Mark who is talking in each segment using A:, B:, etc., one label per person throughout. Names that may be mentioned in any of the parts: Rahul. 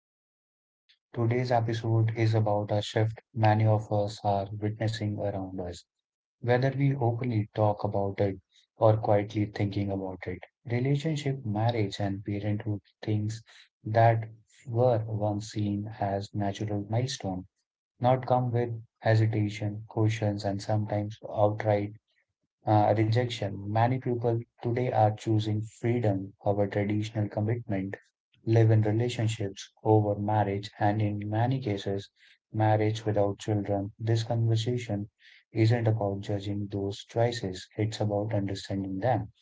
A: podcast. Today's episode is about a shift many of us are witnessing around us. Whether we openly talk about it or quietly thinking about it, relationship, marriage, and parenthood things that were once seen as natural milestones, now come with hesitation, cautions, and sometimes outright rejection. Many people today are choosing freedom over traditional commitment, live in relationships over marriage, and in many cases, marriage without children. This conversation isn't about judging those choices, it's about understanding them.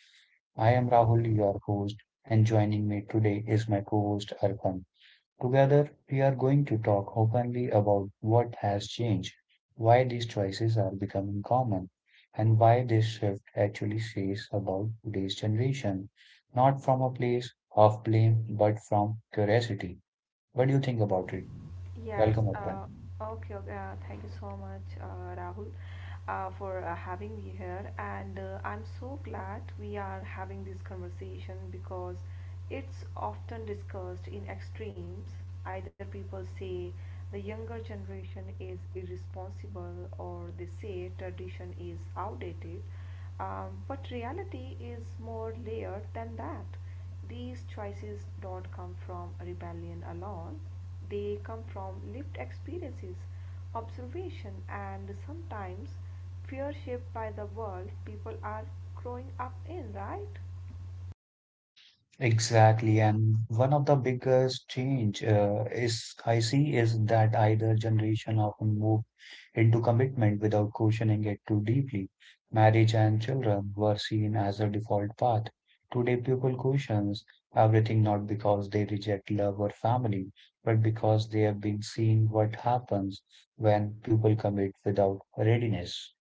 A: I am Rahul, your host, and joining me today is my co host Arpan. Together, we are going to talk openly about what has changed, why these choices are becoming common, and why this shift actually says about today's generation, not from a place of blame, but from curiosity. What do you think about it? Welcome,
B: Yes,
A: Arpan.
B: okay, okay, thank you so much, Rahul, for having me here. And I'm so glad we are having this conversation because it's often discussed in extremes. Either people say the younger generation is irresponsible, or they say tradition is outdated. But reality is more layered than that. These choices don't come from rebellion alone, they come from lived experiences, observation, and sometimes fear shaped by the world people are growing up in, right?
A: Exactly, and one of the biggest change is I see is that either generation often move into commitment without questioning it too deeply. Marriage and children were seen as a default path. Today, people questions everything not because they reject love or family, but because they have been seeing what happens when people commit without readiness.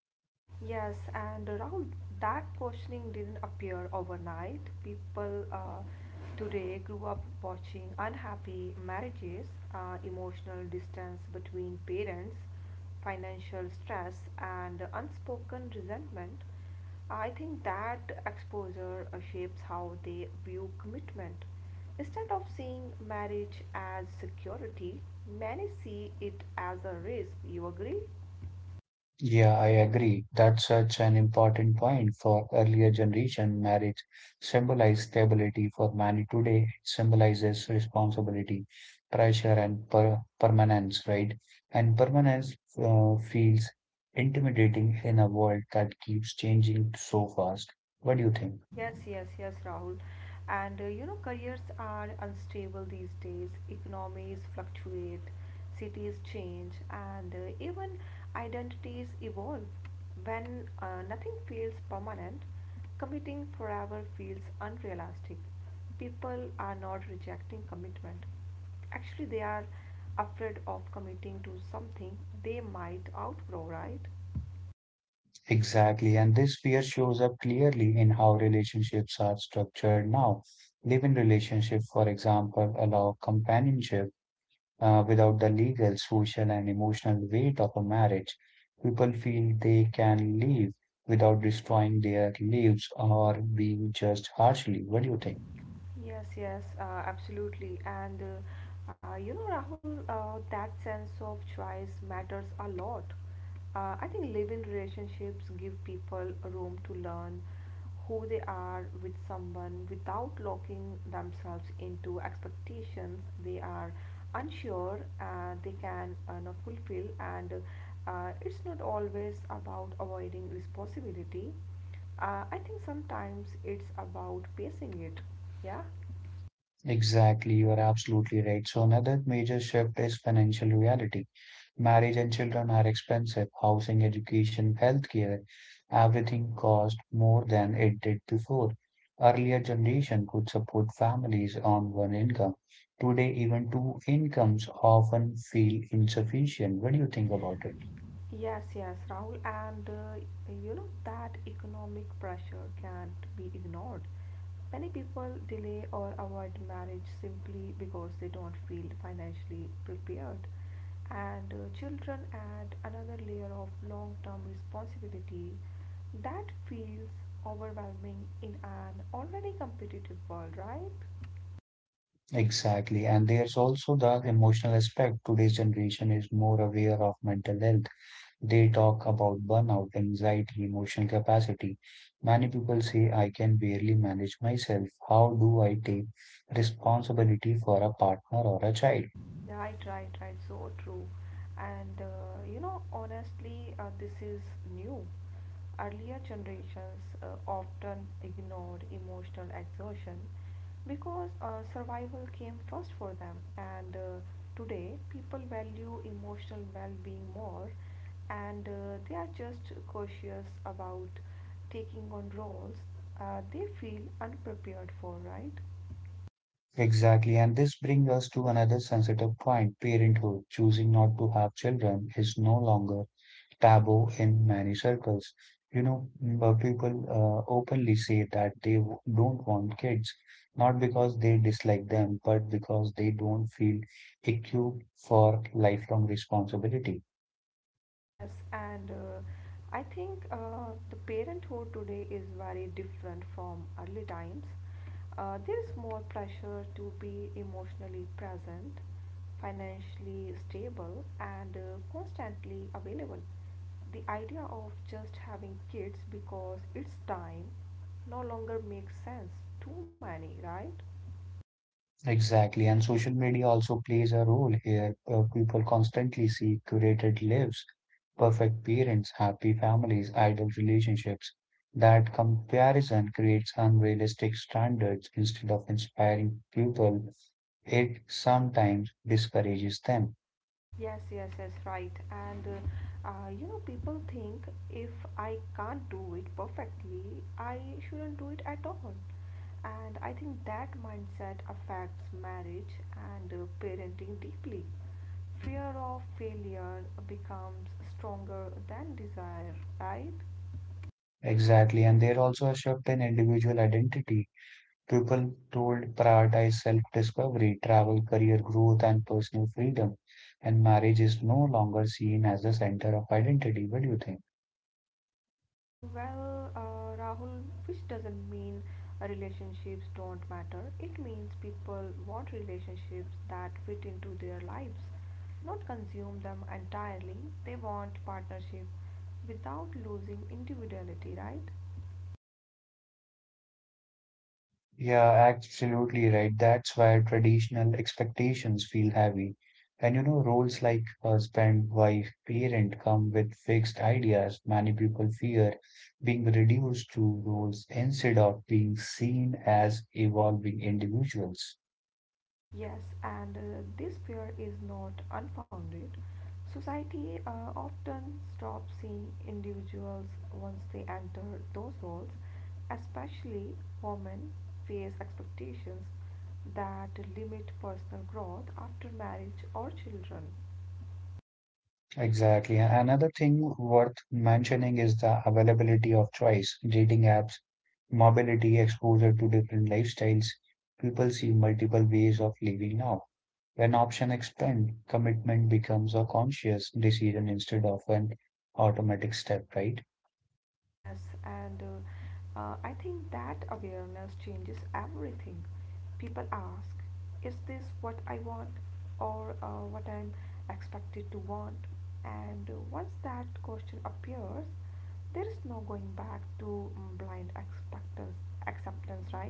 B: Yes, and around that questioning didn't appear overnight. People today grew up watching unhappy marriages, emotional distance between parents, financial stress, and unspoken resentment. I think that exposure shapes how they view commitment. Instead of seeing marriage as security, many see it as a risk. You agree?
A: Yeah, I agree. That's such an important point for earlier generation. Marriage symbolized stability for many today. It symbolizes responsibility, pressure, and permanence, right? And permanence feels intimidating in a world that keeps changing so fast. What do you think?
B: Yes, yes, yes, Rahul. And you know, careers are unstable these days. Economies fluctuate, cities change, and even identities evolve. When nothing feels permanent, committing forever feels unrealistic. People are not rejecting commitment. Actually, they are afraid of committing to something they might outgrow, right?
A: Exactly. And this fear shows up clearly in how relationships are structured now. Live-in relationship, for example, allow companionship without the legal, social, and emotional weight of a marriage, people feel they can live without destroying their lives or being judged harshly. What do you think?
B: Yes, yes, absolutely. And you know, Rahul, that sense of choice matters a lot. I think living relationships give people a room to learn who they are with someone without locking themselves into expectations they are unsure they can not fulfill. And it's not always about avoiding responsibility. I think sometimes it's about pacing it. Yeah.
A: Exactly, you are absolutely right. So another major shift is financial reality. Marriage and children are expensive. Housing, education, healthcare, everything costs more than it did before. Earlier generation could support families on one income. Today, even two incomes often feel insufficient. What do you think about it?
B: Yes, yes, Rahul, and you know that economic pressure can't be ignored. Many people delay or avoid marriage simply because they don't feel financially prepared. And children add another layer of long term responsibility that feels overwhelming in an already competitive world, right?
A: Exactly. And there's also the emotional aspect. Today's generation is more aware of mental health. They talk about burnout, anxiety, emotional capacity. Many people say, I can barely manage myself. How do I take responsibility for a partner or a child?
B: Right, right, right. So true. And you know, honestly, this is new. Earlier generations often ignored emotional exertion because survival came first for them. And today, people value emotional well being more and they are just cautious about taking on roles they feel unprepared for, right?
A: Exactly. And this brings us to another sensitive point parenthood. Choosing not to have children is no longer taboo in many circles. But people openly say that don't want kids, not because they dislike them, but because they don't feel equipped for lifelong responsibility.
B: Yes, and I think the parenthood today is very different from early times. There is more pressure to be emotionally present, financially stable, and constantly available. The idea of just having kids because it's time no longer makes sense. Too many, right?
A: Exactly, and social media also plays a role here. People constantly see curated lives, perfect parents, happy families, ideal relationships. That comparison creates unrealistic standards instead of inspiring people. It sometimes discourages them.
B: Yes, yes, yes, right. And you know, people think if I can't do it perfectly, I shouldn't do it at all. And I think that mindset affects marriage and parenting deeply. Fear of failure becomes stronger than desire, right?
A: Exactly, and there also a shift in individual identity. People told prioritize self-discovery, travel, career growth, and personal freedom. And marriage is no longer seen as the center of identity. What do you think?
B: Well, Rahul, which doesn't mean relationships don't matter. It means people want relationships that fit into their lives, not consume them entirely. They want partnership without losing individuality, right?
A: Yeah, absolutely right. That's why traditional expectations feel heavy. And you know, roles like husband, wife, parent come with fixed ideas. Many people fear being reduced to roles instead of being seen as evolving individuals.
B: Yes, and this fear is not unfounded. Society often stops seeing individuals once they enter those roles, especially women face expectations that limit personal growth after marriage or children.
A: Exactly. Another thing worth mentioning is the availability of choice. Dating apps, mobility, exposure to different lifestyles. People see multiple ways of living now. When options expand, commitment becomes a conscious decision instead of an automatic step, right?
B: Yes, and I think that awareness changes everything. People ask, is this what I want or what I'm expected to want? And once that question appears, there is no going back to blind expectance, acceptance, right?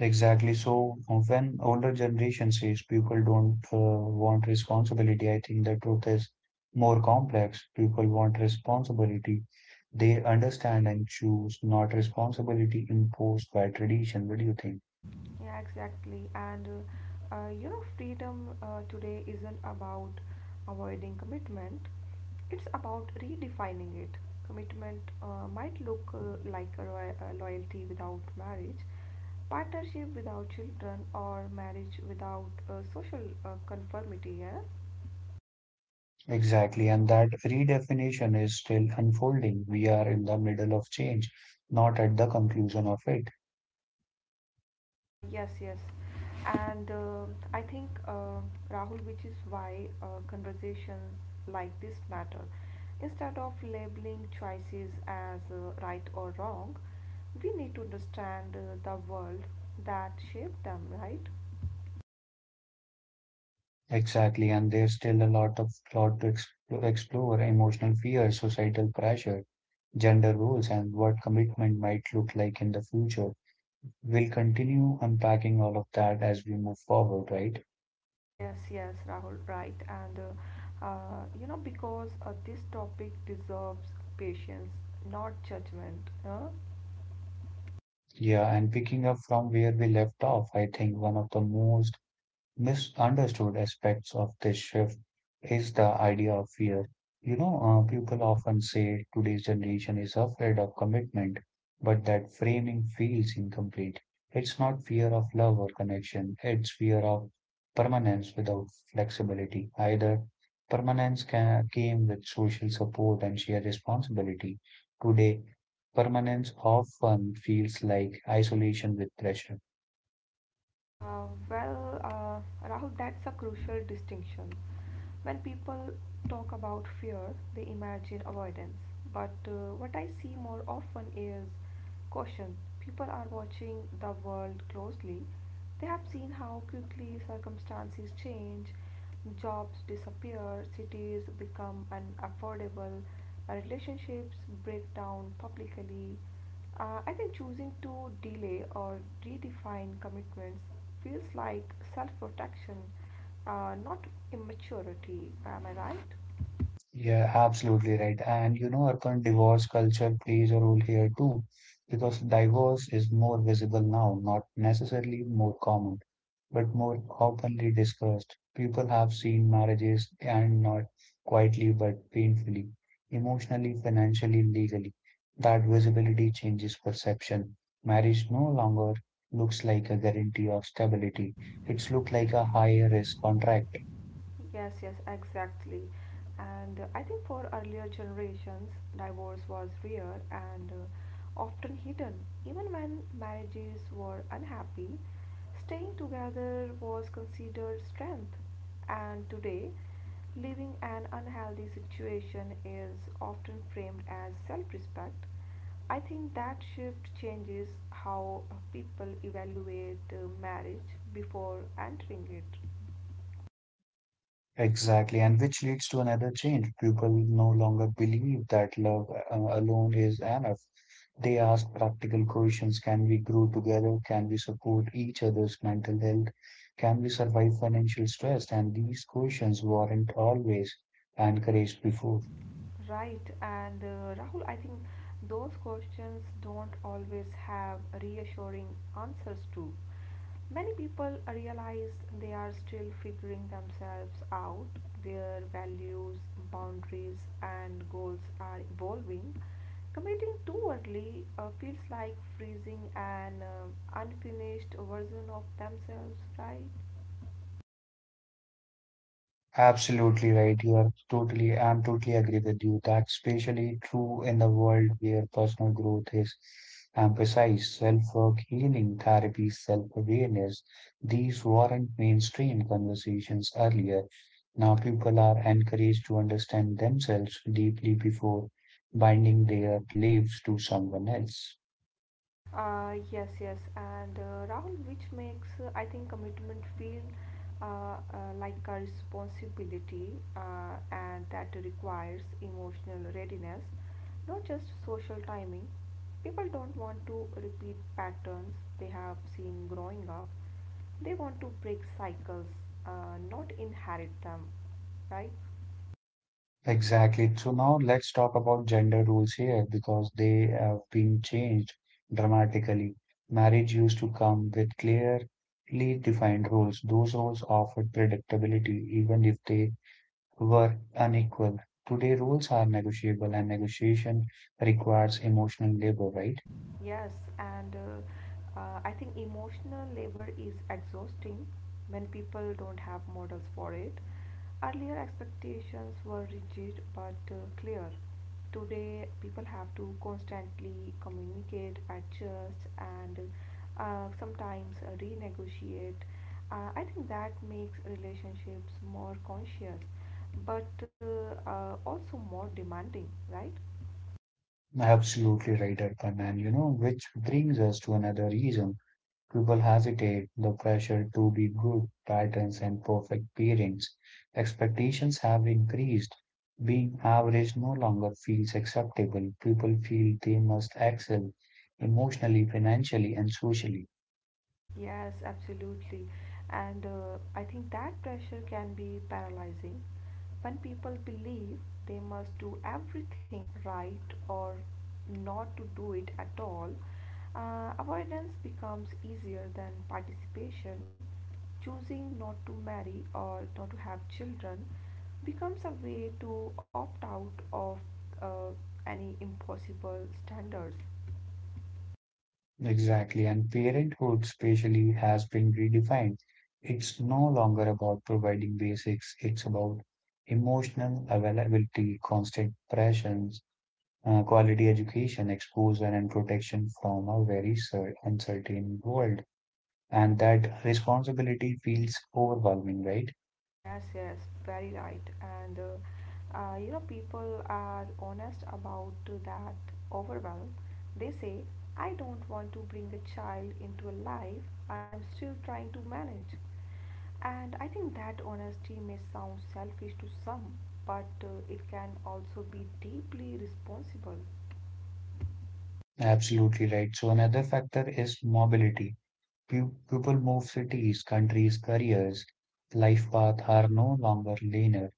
A: Exactly. So when older generation says people don't want responsibility, I think the truth is more complex. People want responsibility. They understand and choose, not responsibility imposed by tradition. What do you think?
B: Yeah, exactly. And you know, freedom today isn't about avoiding commitment, it's about redefining it. Commitment might look like a loyalty without marriage, partnership without children, or marriage without social conformity. Yeah?
A: Exactly. And that redefinition is still unfolding. We are in the middle of change, not at the conclusion of it.
B: Yes, yes. And I think, Rahul, which is why conversations like this matter. Instead of labeling choices as right or wrong, we need to understand the world that shaped them, right?
A: Exactly. And there's still a lot to explore, emotional fear, societal pressure gender roles and what commitment might look like in the future. We'll continue unpacking all of that as we move forward, right?
B: Yes, yes, Rahul, right. And you know, because this topic deserves patience, not judgment. Uh,
A: Yeah, and picking up from where we left off, I think one of the most misunderstood aspects of this shift is the idea of fear. You know, People often say today's generation is afraid of commitment, but that framing feels incomplete. It's not fear of love or connection, it's fear of permanence without flexibility. Either came with social support and shared responsibility. Today, permanence often feels like isolation with pressure.
B: Uh, well, uh, Rahul, that's a crucial distinction. When people talk about fear, they imagine avoidance. But what I see more often is caution. People are watching the world closely. They have seen how quickly circumstances change, jobs disappear, cities become unaffordable, relationships break down publicly. I think choosing to delay or redefine commitments feels like self protection, not immaturity. Am I right?
A: Yeah, absolutely right. And you know, urban divorce culture plays a role here too, because divorce is more visible now, not necessarily more common, but more openly discussed. People have seen marriages and not quietly but painfully, emotionally, financially, legally. That visibility changes perception. Marriage no longer looks like a guarantee of stability. It's looked like a high risk contract.
B: Yes, yes, exactly. And I think for earlier generations, divorce was rare and often hidden. Even when marriages were unhappy, staying together was considered strength. And today, living an unhealthy situation is often framed as self respect. I think that shift changes how people evaluate marriage before entering it.
A: Exactly, and which leads to another change. People no longer believe that love alone is enough. They ask practical questions. Can we grow together? Can we support each other's mental health? Can we survive financial stress? And these questions weren't always encouraged before.
B: Right, and Rahul, I think those questions don't always have reassuring answers to. Many people realize they are still figuring themselves out, their values, boundaries, and goals are evolving. Committing too early feels like freezing an unfinished version of themselves, right?
A: Absolutely right. You are totally, I'm totally agree with you. That's especially true in the world where personal growth is emphasized. Self-work, healing, therapy, self-awareness. These weren't mainstream conversations earlier. Now people are encouraged to understand themselves deeply before binding their lives to someone else.
B: Yes, yes, and Rahul, which makes I think commitment feel like a responsibility, and that requires emotional readiness, not just social timing. People don't want to repeat patterns they have seen growing up. They want to break cycles, not inherit them, right?
A: Exactly. So now let's talk about gender roles here because they have been changed dramatically. Marriage used to come with clearly defined roles. Those roles offered predictability, even if they were unequal. Today, roles are negotiable, and negotiation requires emotional labor, right?
B: Yes, and I think emotional labor is exhausting when people don't have models for it. Earlier expectations were rigid but clear. Today, people have to constantly communicate, adjust, and sometimes renegotiate. I think that makes relationships more conscious but also more demanding, right?
A: Absolutely right, Arpan. And you know, which brings us to another reason people hesitate. The pressure to be good, titans, and perfect parents. Expectations have increased. Being average no longer feels acceptable. People feel they must excel emotionally, financially, and socially.
B: Yes, absolutely. And I think that pressure can be paralyzing. When people believe they must do everything right or not to do it at all, avoidance becomes easier than participation. Choosing not to marry or not to have children becomes a way to opt out of uh, any impossible standards.
A: Exactly. And parenthood, especially, has been redefined. It's no longer about providing basics, it's about emotional availability, constant pressures, quality education, exposure, and protection from a very uncertain world. And that responsibility feels overwhelming, right?
B: Yes, yes, very right. And you know, people are honest about that overwhelm. They say, I don't want to bring a child into a life I'm still trying to manage. And I think that honesty may sound selfish to some, but it can also be deeply responsible.
A: Absolutely right. So, another factor is mobility. People move cities, countries, careers, life paths are no longer linear.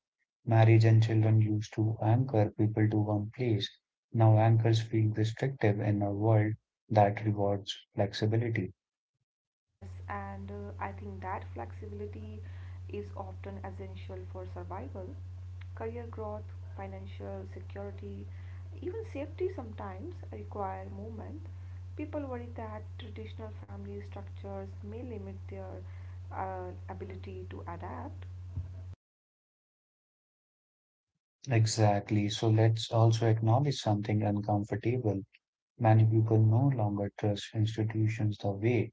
A: Marriage and children used to anchor people to one place. Now, anchors feel restrictive in a world that rewards flexibility.
B: Yes, and I think that flexibility is often essential for survival. Career growth, financial security, even safety sometimes require movement. People worry that traditional family structures may limit their ability to adapt.
A: Exactly. So let's also acknowledge something uncomfortable. Many people no longer trust institutions the way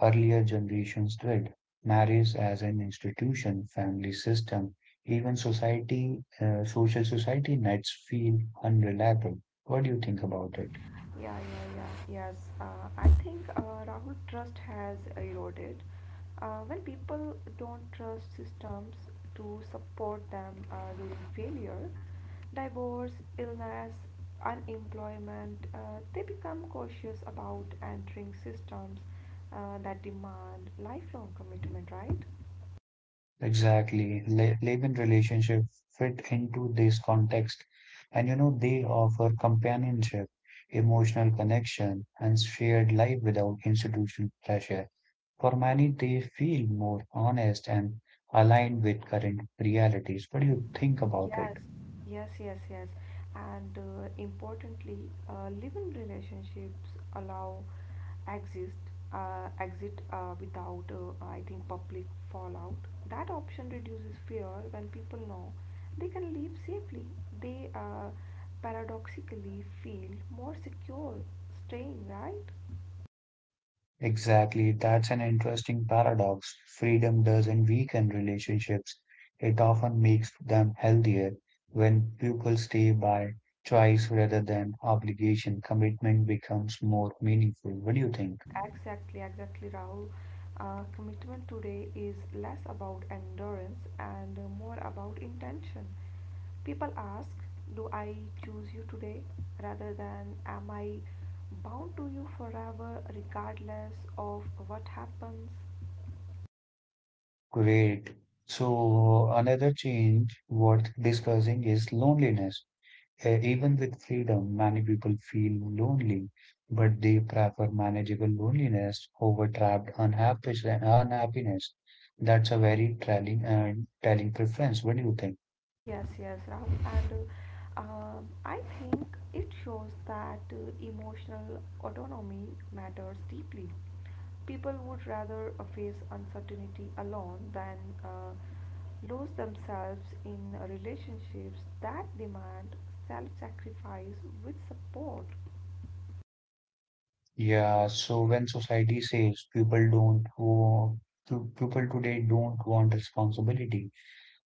A: earlier generations did. Marriage as an institution, family system, even society, social society nets feel unreliable. What do you think about it?
B: Yeah, yeah, yeah. Yes. I think Rahul trust has eroded. When people don't trust systems to support them during failure, divorce, illness, unemployment, they become cautious about entering systems that demand lifelong commitment, right?
A: Exactly. Laban relationship fit into this context, and you know they offer companionship, emotional connection, and shared life without institutional pressure. For many, they feel more honest and aligned with current realities. What do you think about
B: Yes,
A: it?
B: yes, yes, yes. And importantly, living relationships allow exist exit without, I think, public fallout. That option reduces fear when people know they can leave safely. They paradoxically feel more secure staying, right?
A: Exactly, that's an interesting paradox. Freedom doesn't weaken relationships, it often makes them healthier when people stay by choice rather than obligation. Commitment becomes more meaningful. What do you think?
B: Exactly, exactly, Rahul. Commitment today is less about endurance and more about intention. People ask, do I choose you today, rather than, am I bound to you forever regardless of what happens?
A: Great. So, another change worth discussing is loneliness. Even with freedom, many people feel lonely, but they prefer manageable loneliness over trapped unhappy, unhappiness. That's a very telling and telling preference. What do you think?
B: Yes, yes, Rahul. And I think it shows that emotional autonomy matters deeply. People would rather face uncertainty alone than uh, lose themselves in relationships that demand self sacrifice with support.
A: Yeah, so when society says people don't want, people today don't want responsibility,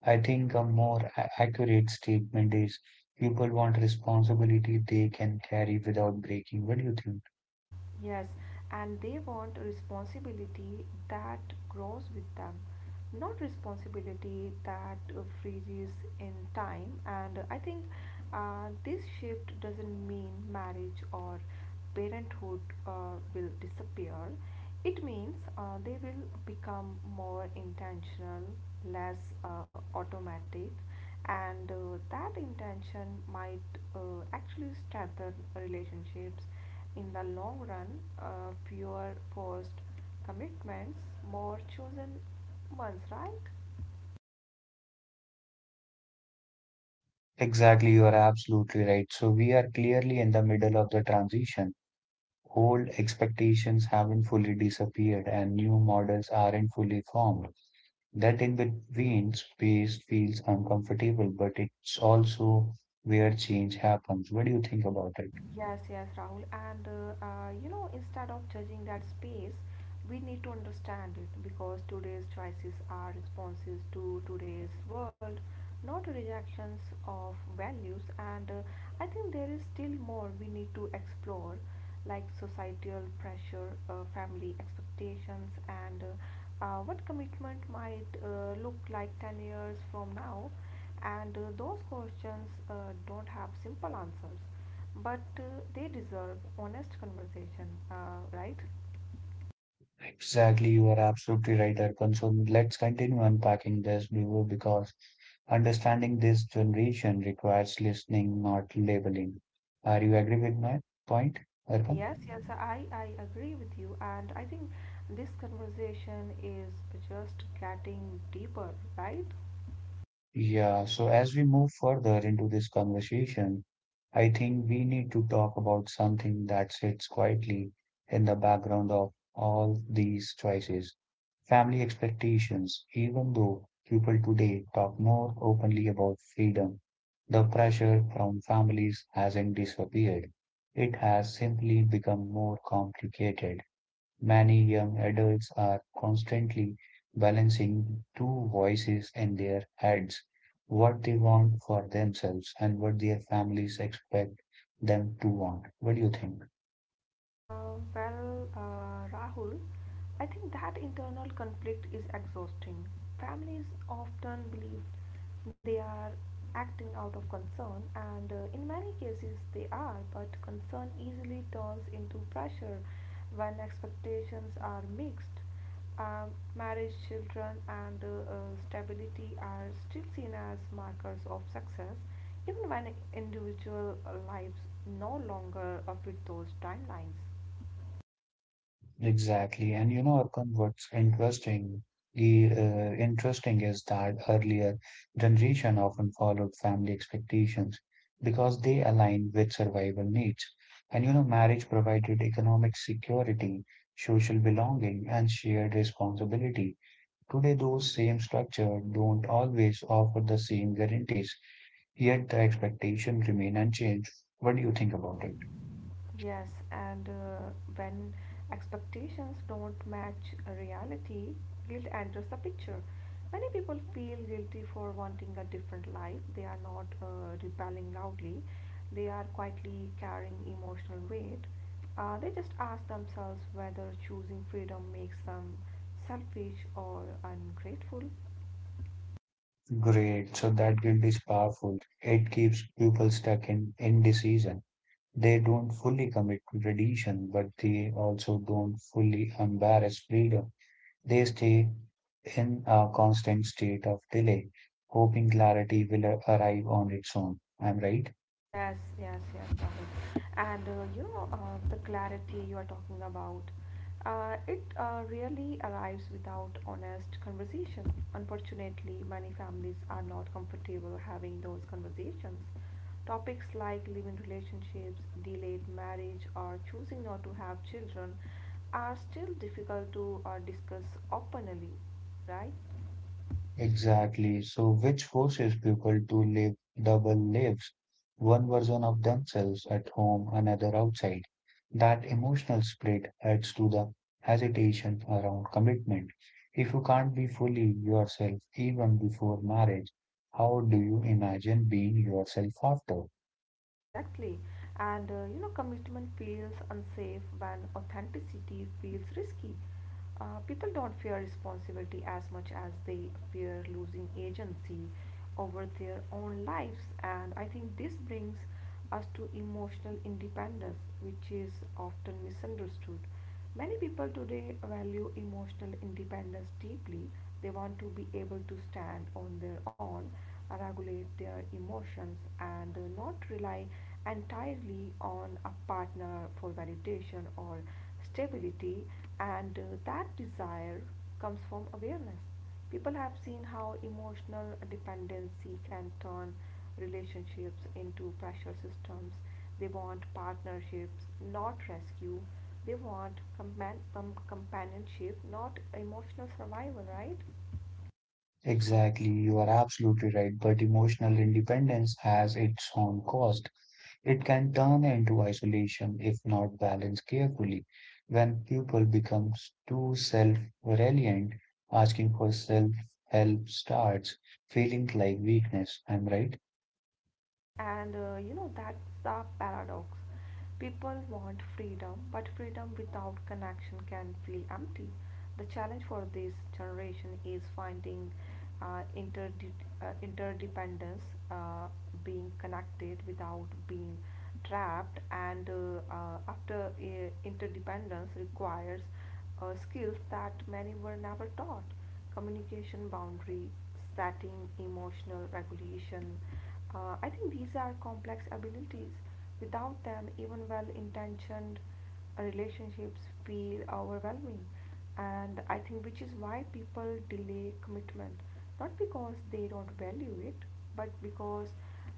A: I think a more accurate statement is people want responsibility they can carry without breaking. What do you think?
B: Yes, and they want a responsibility that grows with them, not responsibility that freezes in time. And I think this shift doesn't mean marriage or parenthood will disappear. It means they will become more intentional, less automatic, and that intention might uh, actually strengthen relationships in the long run, fewer forced commitments, more chosen ones, right?
A: Exactly, you are absolutely right. So we are clearly in the middle of the transition. Old expectations haven't fully disappeared and new models aren't fully formed. That in between space feels uncomfortable, but it's also where change happens. What do you think about it?
B: Yes, yes, Rahul. And you know, instead of judging that space, we need to understand it because today's choices are responses to today's world, not rejections of values. And I think there is still more we need to explore, like societal pressure, family expectations, and what commitment might look like 10 years from now, and those questions don't have simple answers but they deserve honest conversation, right?
A: Exactly, you are absolutely right, Arpan. So let's continue unpacking this, Vivo, because understanding this generation requires listening, not labeling. Are you agree with my point,
B: Uh,
A: Arpan?
B: yes yes, I agree with you, and I think this conversation is just getting deeper, right?
A: Yeah, so as we move further into this conversation, I think we need to talk about something that sits quietly in the background of all these choices. Family expectations, even though people today talk more openly about freedom, the pressure from families hasn't disappeared. It has simply become more complicated. Many young adults are constantly balancing two voices in their heads what they want for themselves and what their families expect them to want. What do you think?
B: Well, Rahul, I think that internal conflict is exhausting. Families often believe they are acting out of concern, and in many cases they are, but concern easily turns into pressure when expectations are mixed. Um, marriage, children, and stability are still seen as markers of success, even when individual lives no longer fit those timelines.
A: Exactly. And you know, Arkan, what's interesting, interesting is that earlier generation often followed family expectations because they aligned with survival needs. And you know, marriage provided economic security, social belonging, and shared responsibility. Today, those same structures don't always offer the same guarantees, yet the expectations remain unchanged. What do you think about it?
B: Yes, and when expectations don't match reality, guilt enters the picture. Many people feel guilty for wanting a different life. They are not rebelling loudly, they are quietly carrying emotional weight. They just ask themselves whether choosing freedom makes them selfish or ungrateful.
A: Great. So that guilt is powerful. It keeps people stuck in indecision. They don't fully commit to tradition, but they also don't fully embrace freedom. They stay in a constant state of delay, hoping clarity will arrive on its own. I'm right.
B: Yes, yes, yes, Rahul. And you know, the clarity you are talking about, it really arrives without honest conversation. Unfortunately, many families are not comfortable having those conversations. Topics like living relationships, delayed marriage, or choosing not to have children are still difficult to discuss openly, right?
A: Exactly. So, which forces people to live double lives, one version of themselves at home, another outside. That emotional split adds to the hesitation around commitment. If you can't be fully yourself even before marriage, how do you imagine being yourself after?
B: Exactly. Commitment feels unsafe when authenticity feels risky. People don't fear responsibility as much as they fear losing agency over their own lives. And I think this brings us to emotional independence, which is often misunderstood. Many people today value emotional independence deeply. They want to be able to stand on their own, regulate their emotions, and not rely entirely on a partner for validation or stability. And That desire comes from awareness. People have seen how emotional dependency can turn relationships into pressure systems. They want partnerships, not rescue. They want companionship, not emotional survival, right?
A: Exactly, you are absolutely right, but emotional independence has its own cost. It can turn into isolation if not balanced carefully. When people becomes too self-reliant, asking for self-help starts feeling like weakness. I'm right.
B: Yes, that's the paradox. People want freedom, but freedom without connection can feel empty. The challenge for this generation is finding uh, interde- interdependence, uh, being connected without being trapped, and after interdependence requires skills that many were never taught: communication, boundary setting, emotional regulation. I think these are complex abilities. Without them, even well intentioned relationships feel overwhelming. And I think which is why people delay commitment, not because they don't value it, but because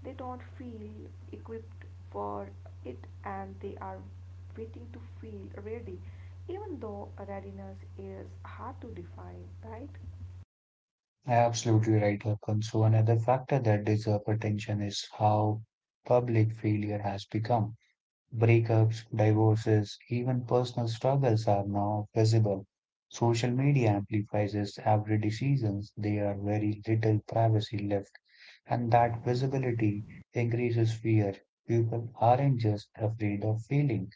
B: they don't feel equipped for it, and they are waiting to feel ready, even though readiness is hard to define, right?
A: Absolutely right, Hakan. So another factor that deserves attention is how public failure has become. Breakups, divorces, even personal struggles are now visible. Social media amplifies every decision. There are very little privacy left, and that visibility increases fear. People aren't just afraid of failing.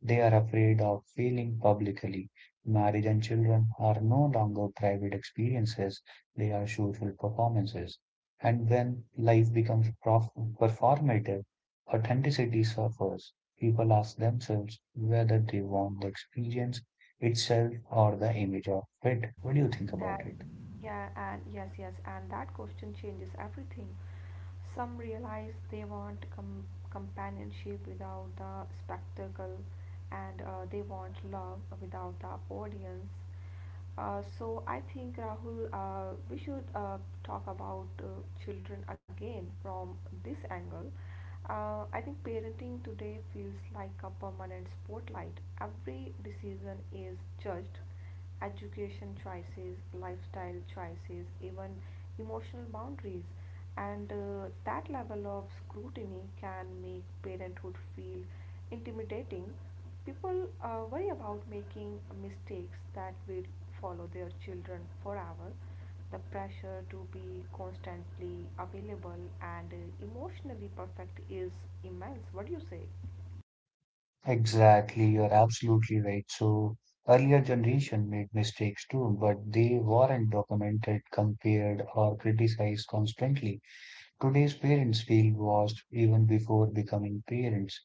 A: They are afraid of failing publicly. Marriage and children are no longer private experiences, they are social performances. And when life becomes performative, authenticity suffers. People ask themselves whether they want the experience itself or the image of it. What do you think about
B: And
A: it?
B: yeah, and yes, yes, and that question changes everything. Some realize they want companionship without the spectacle, and they want love without the audience. So I think, Rahul, we should talk about children again from this angle. I think parenting today feels like a permanent spotlight. Every decision is judged: education choices, lifestyle choices, even emotional boundaries. And That level of scrutiny can make parenthood feel intimidating. People worry about making mistakes that will follow their children forever. The pressure to be constantly available and emotionally perfect is immense. What do you say?
A: Exactly, you're absolutely right. So earlier generation made mistakes too, but they weren't documented, compared, or criticized constantly. Today's parents feel washed even before becoming parents,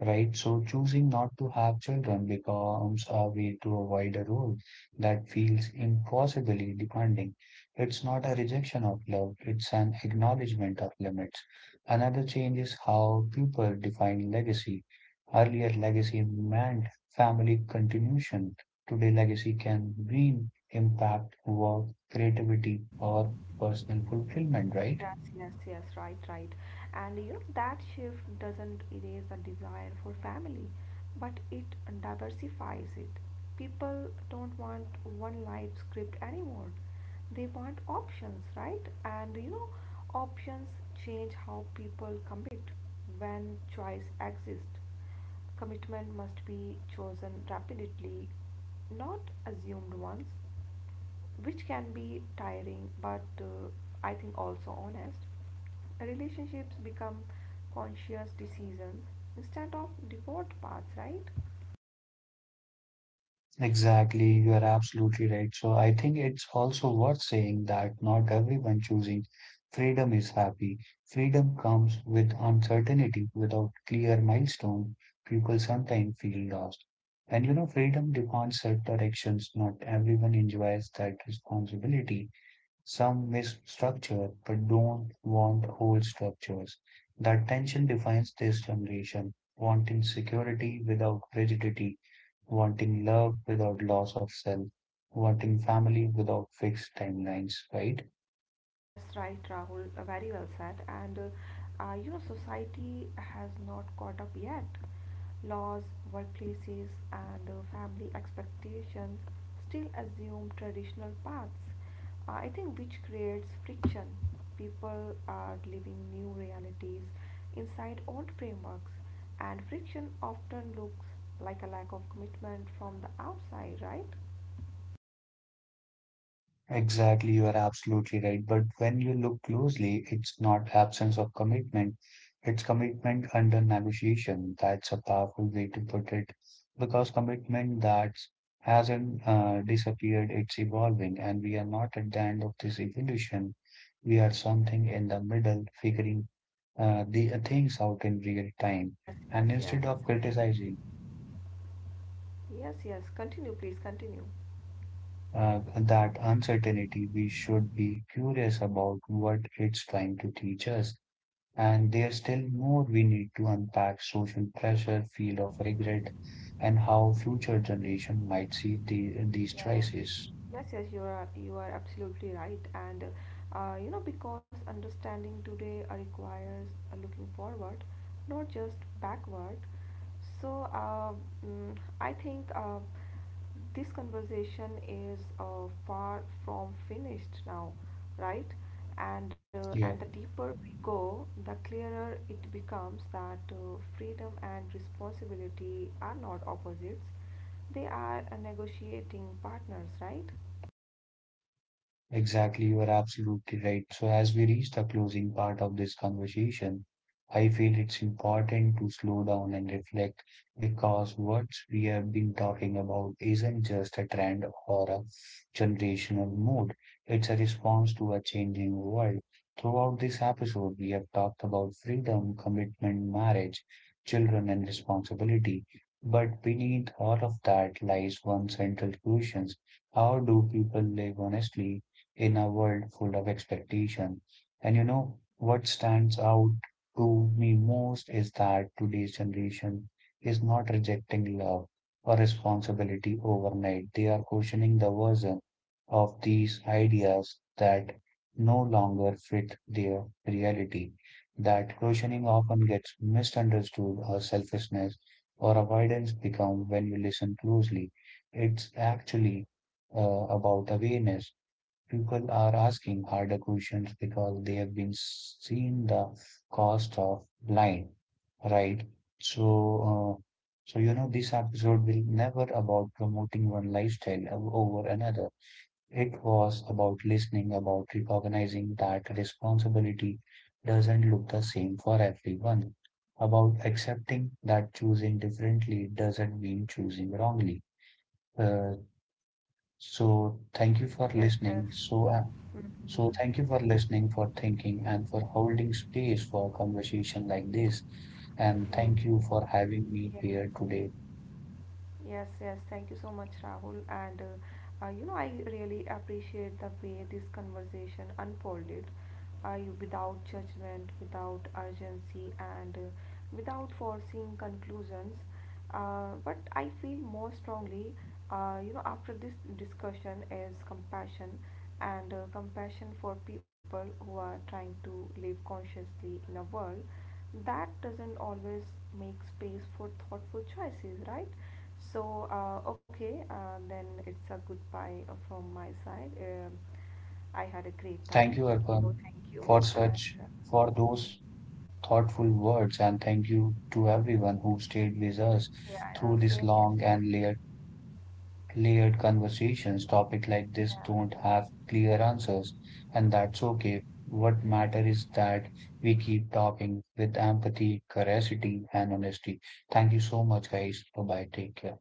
A: right? So choosing not to have children becomes a way to avoid a role that feels impossibly demanding. It's not a rejection of love, it's an acknowledgement of limits. Another change is how people define legacy. Earlier, legacy meant family continuation. Today, legacy can mean impact, work, creativity, or personal fulfillment, right?
B: Yes, yes, yes, right, right. And you know, that shift doesn't erase the desire for family, but it diversifies it. People don't want one life script anymore. They want options, right? And you know, options change how people commit. When choice exists, commitment must be chosen rapidly, not assumed once, which can be tiring, but I think also honest. Relationships become conscious decisions instead of default paths, right?
A: Exactly, you are absolutely right. So I think it's also worth saying that not everyone choosing freedom is happy. Freedom comes with uncertainty. Without clear milestone, people sometimes feel lost. And you know, freedom demands set directions. Not everyone enjoys that responsibility. Some miss structure but don't want whole structures. That tension defines this generation, wanting security without rigidity, wanting love without loss of self, wanting family without fixed timelines, right?
B: Yes, right, Rahul. Very well said. Society has not caught up yet. Laws, workplaces, and family expectations still assume traditional paths. I think which creates friction. People are living new realities inside old frameworks, and friction often looks like a lack of commitment from the outside, right?
A: Exactly, you are absolutely right. But when you look closely, it's not absence of commitment, it's commitment under negotiation. That's a powerful way to put it because commitment that hasn't disappeared, it's evolving, and we are not at the end of this evolution. We are something in the middle, figuring the things out in real time.
B: Yes, yes,
A: And
B: yes.
A: instead of criticizing,
B: Yes, yes. Continue, please, continue.
A: that uncertainty, we should be curious about what it's trying to teach us. And there's still more we need to unpack social pressure, feel of regret, and how future generation might see these
B: Yes.
A: choices.
B: Yes, yes, you are absolutely right, and because understanding today requires looking forward, not just backward. So I think this conversation is far from finished now, right? And the
A: Yeah.
B: deeper we go, the clearer it becomes that freedom and responsibility are not opposites; they are negotiating partners, right?
A: Exactly, you are absolutely right. So, as we reach the closing part of this conversation, I feel it's important to slow down and reflect because what we have been talking about isn't just a trend or a generational mode, it's a response to a changing world. Throughout this episode, we have talked about freedom, commitment, marriage, children, and responsibility. But beneath all of that lies one central question. How do people live honestly in a world full of expectation. And you know what stands out to me most is that today's generation is not rejecting love or responsibility overnight. They are questioning the version of these ideas that no longer fit their reality. That questioning often gets misunderstood as selfishness or avoidance become when we listen closely. It's actually about awareness, people are asking harder questions because they have been seeing the cost of blind, right? So, uh, this episode will never about promoting one lifestyle over another. It was about listening, about recognizing that responsibility doesn't look the same for everyone, about accepting that choosing differently doesn't mean choosing wrongly. Uh, so
B: Yes,
A: thank you for
B: yes, yes.
A: listening. So uh,
B: Mhm.
A: so thank you for listening, for thinking, and for holding space for conversation like this. And
B: Mm.
A: thank you for having me
B: Yes,
A: here today.
B: yes, yes. Thank you so much, Rahul. I really appreciate the way this conversation unfolded. Without judgment, without urgency, and without forcing conclusions. But I feel more strongly, after this discussion, is compassion, and compassion for people who are trying to live consciously in a world that doesn't always make space for thoughtful choices, right? So, then it's a goodbye from my side. I had a great time.
A: Thank you,
B: Oh,
A: Arpan,
B: thank you.
A: for
B: And
A: such for those thoughtful words, and thank you to everyone who stayed with us
B: Yeah,
A: through
B: same
A: this
B: here,
A: long
B: same
A: and
B: here.
A: layered conversations. Topic like this
B: Yeah.
A: don't have clear answers, and that's okay. What matters is that we keep talking with empathy, curiosity, and honesty. Thank you so much, guys. Bye bye. Take care.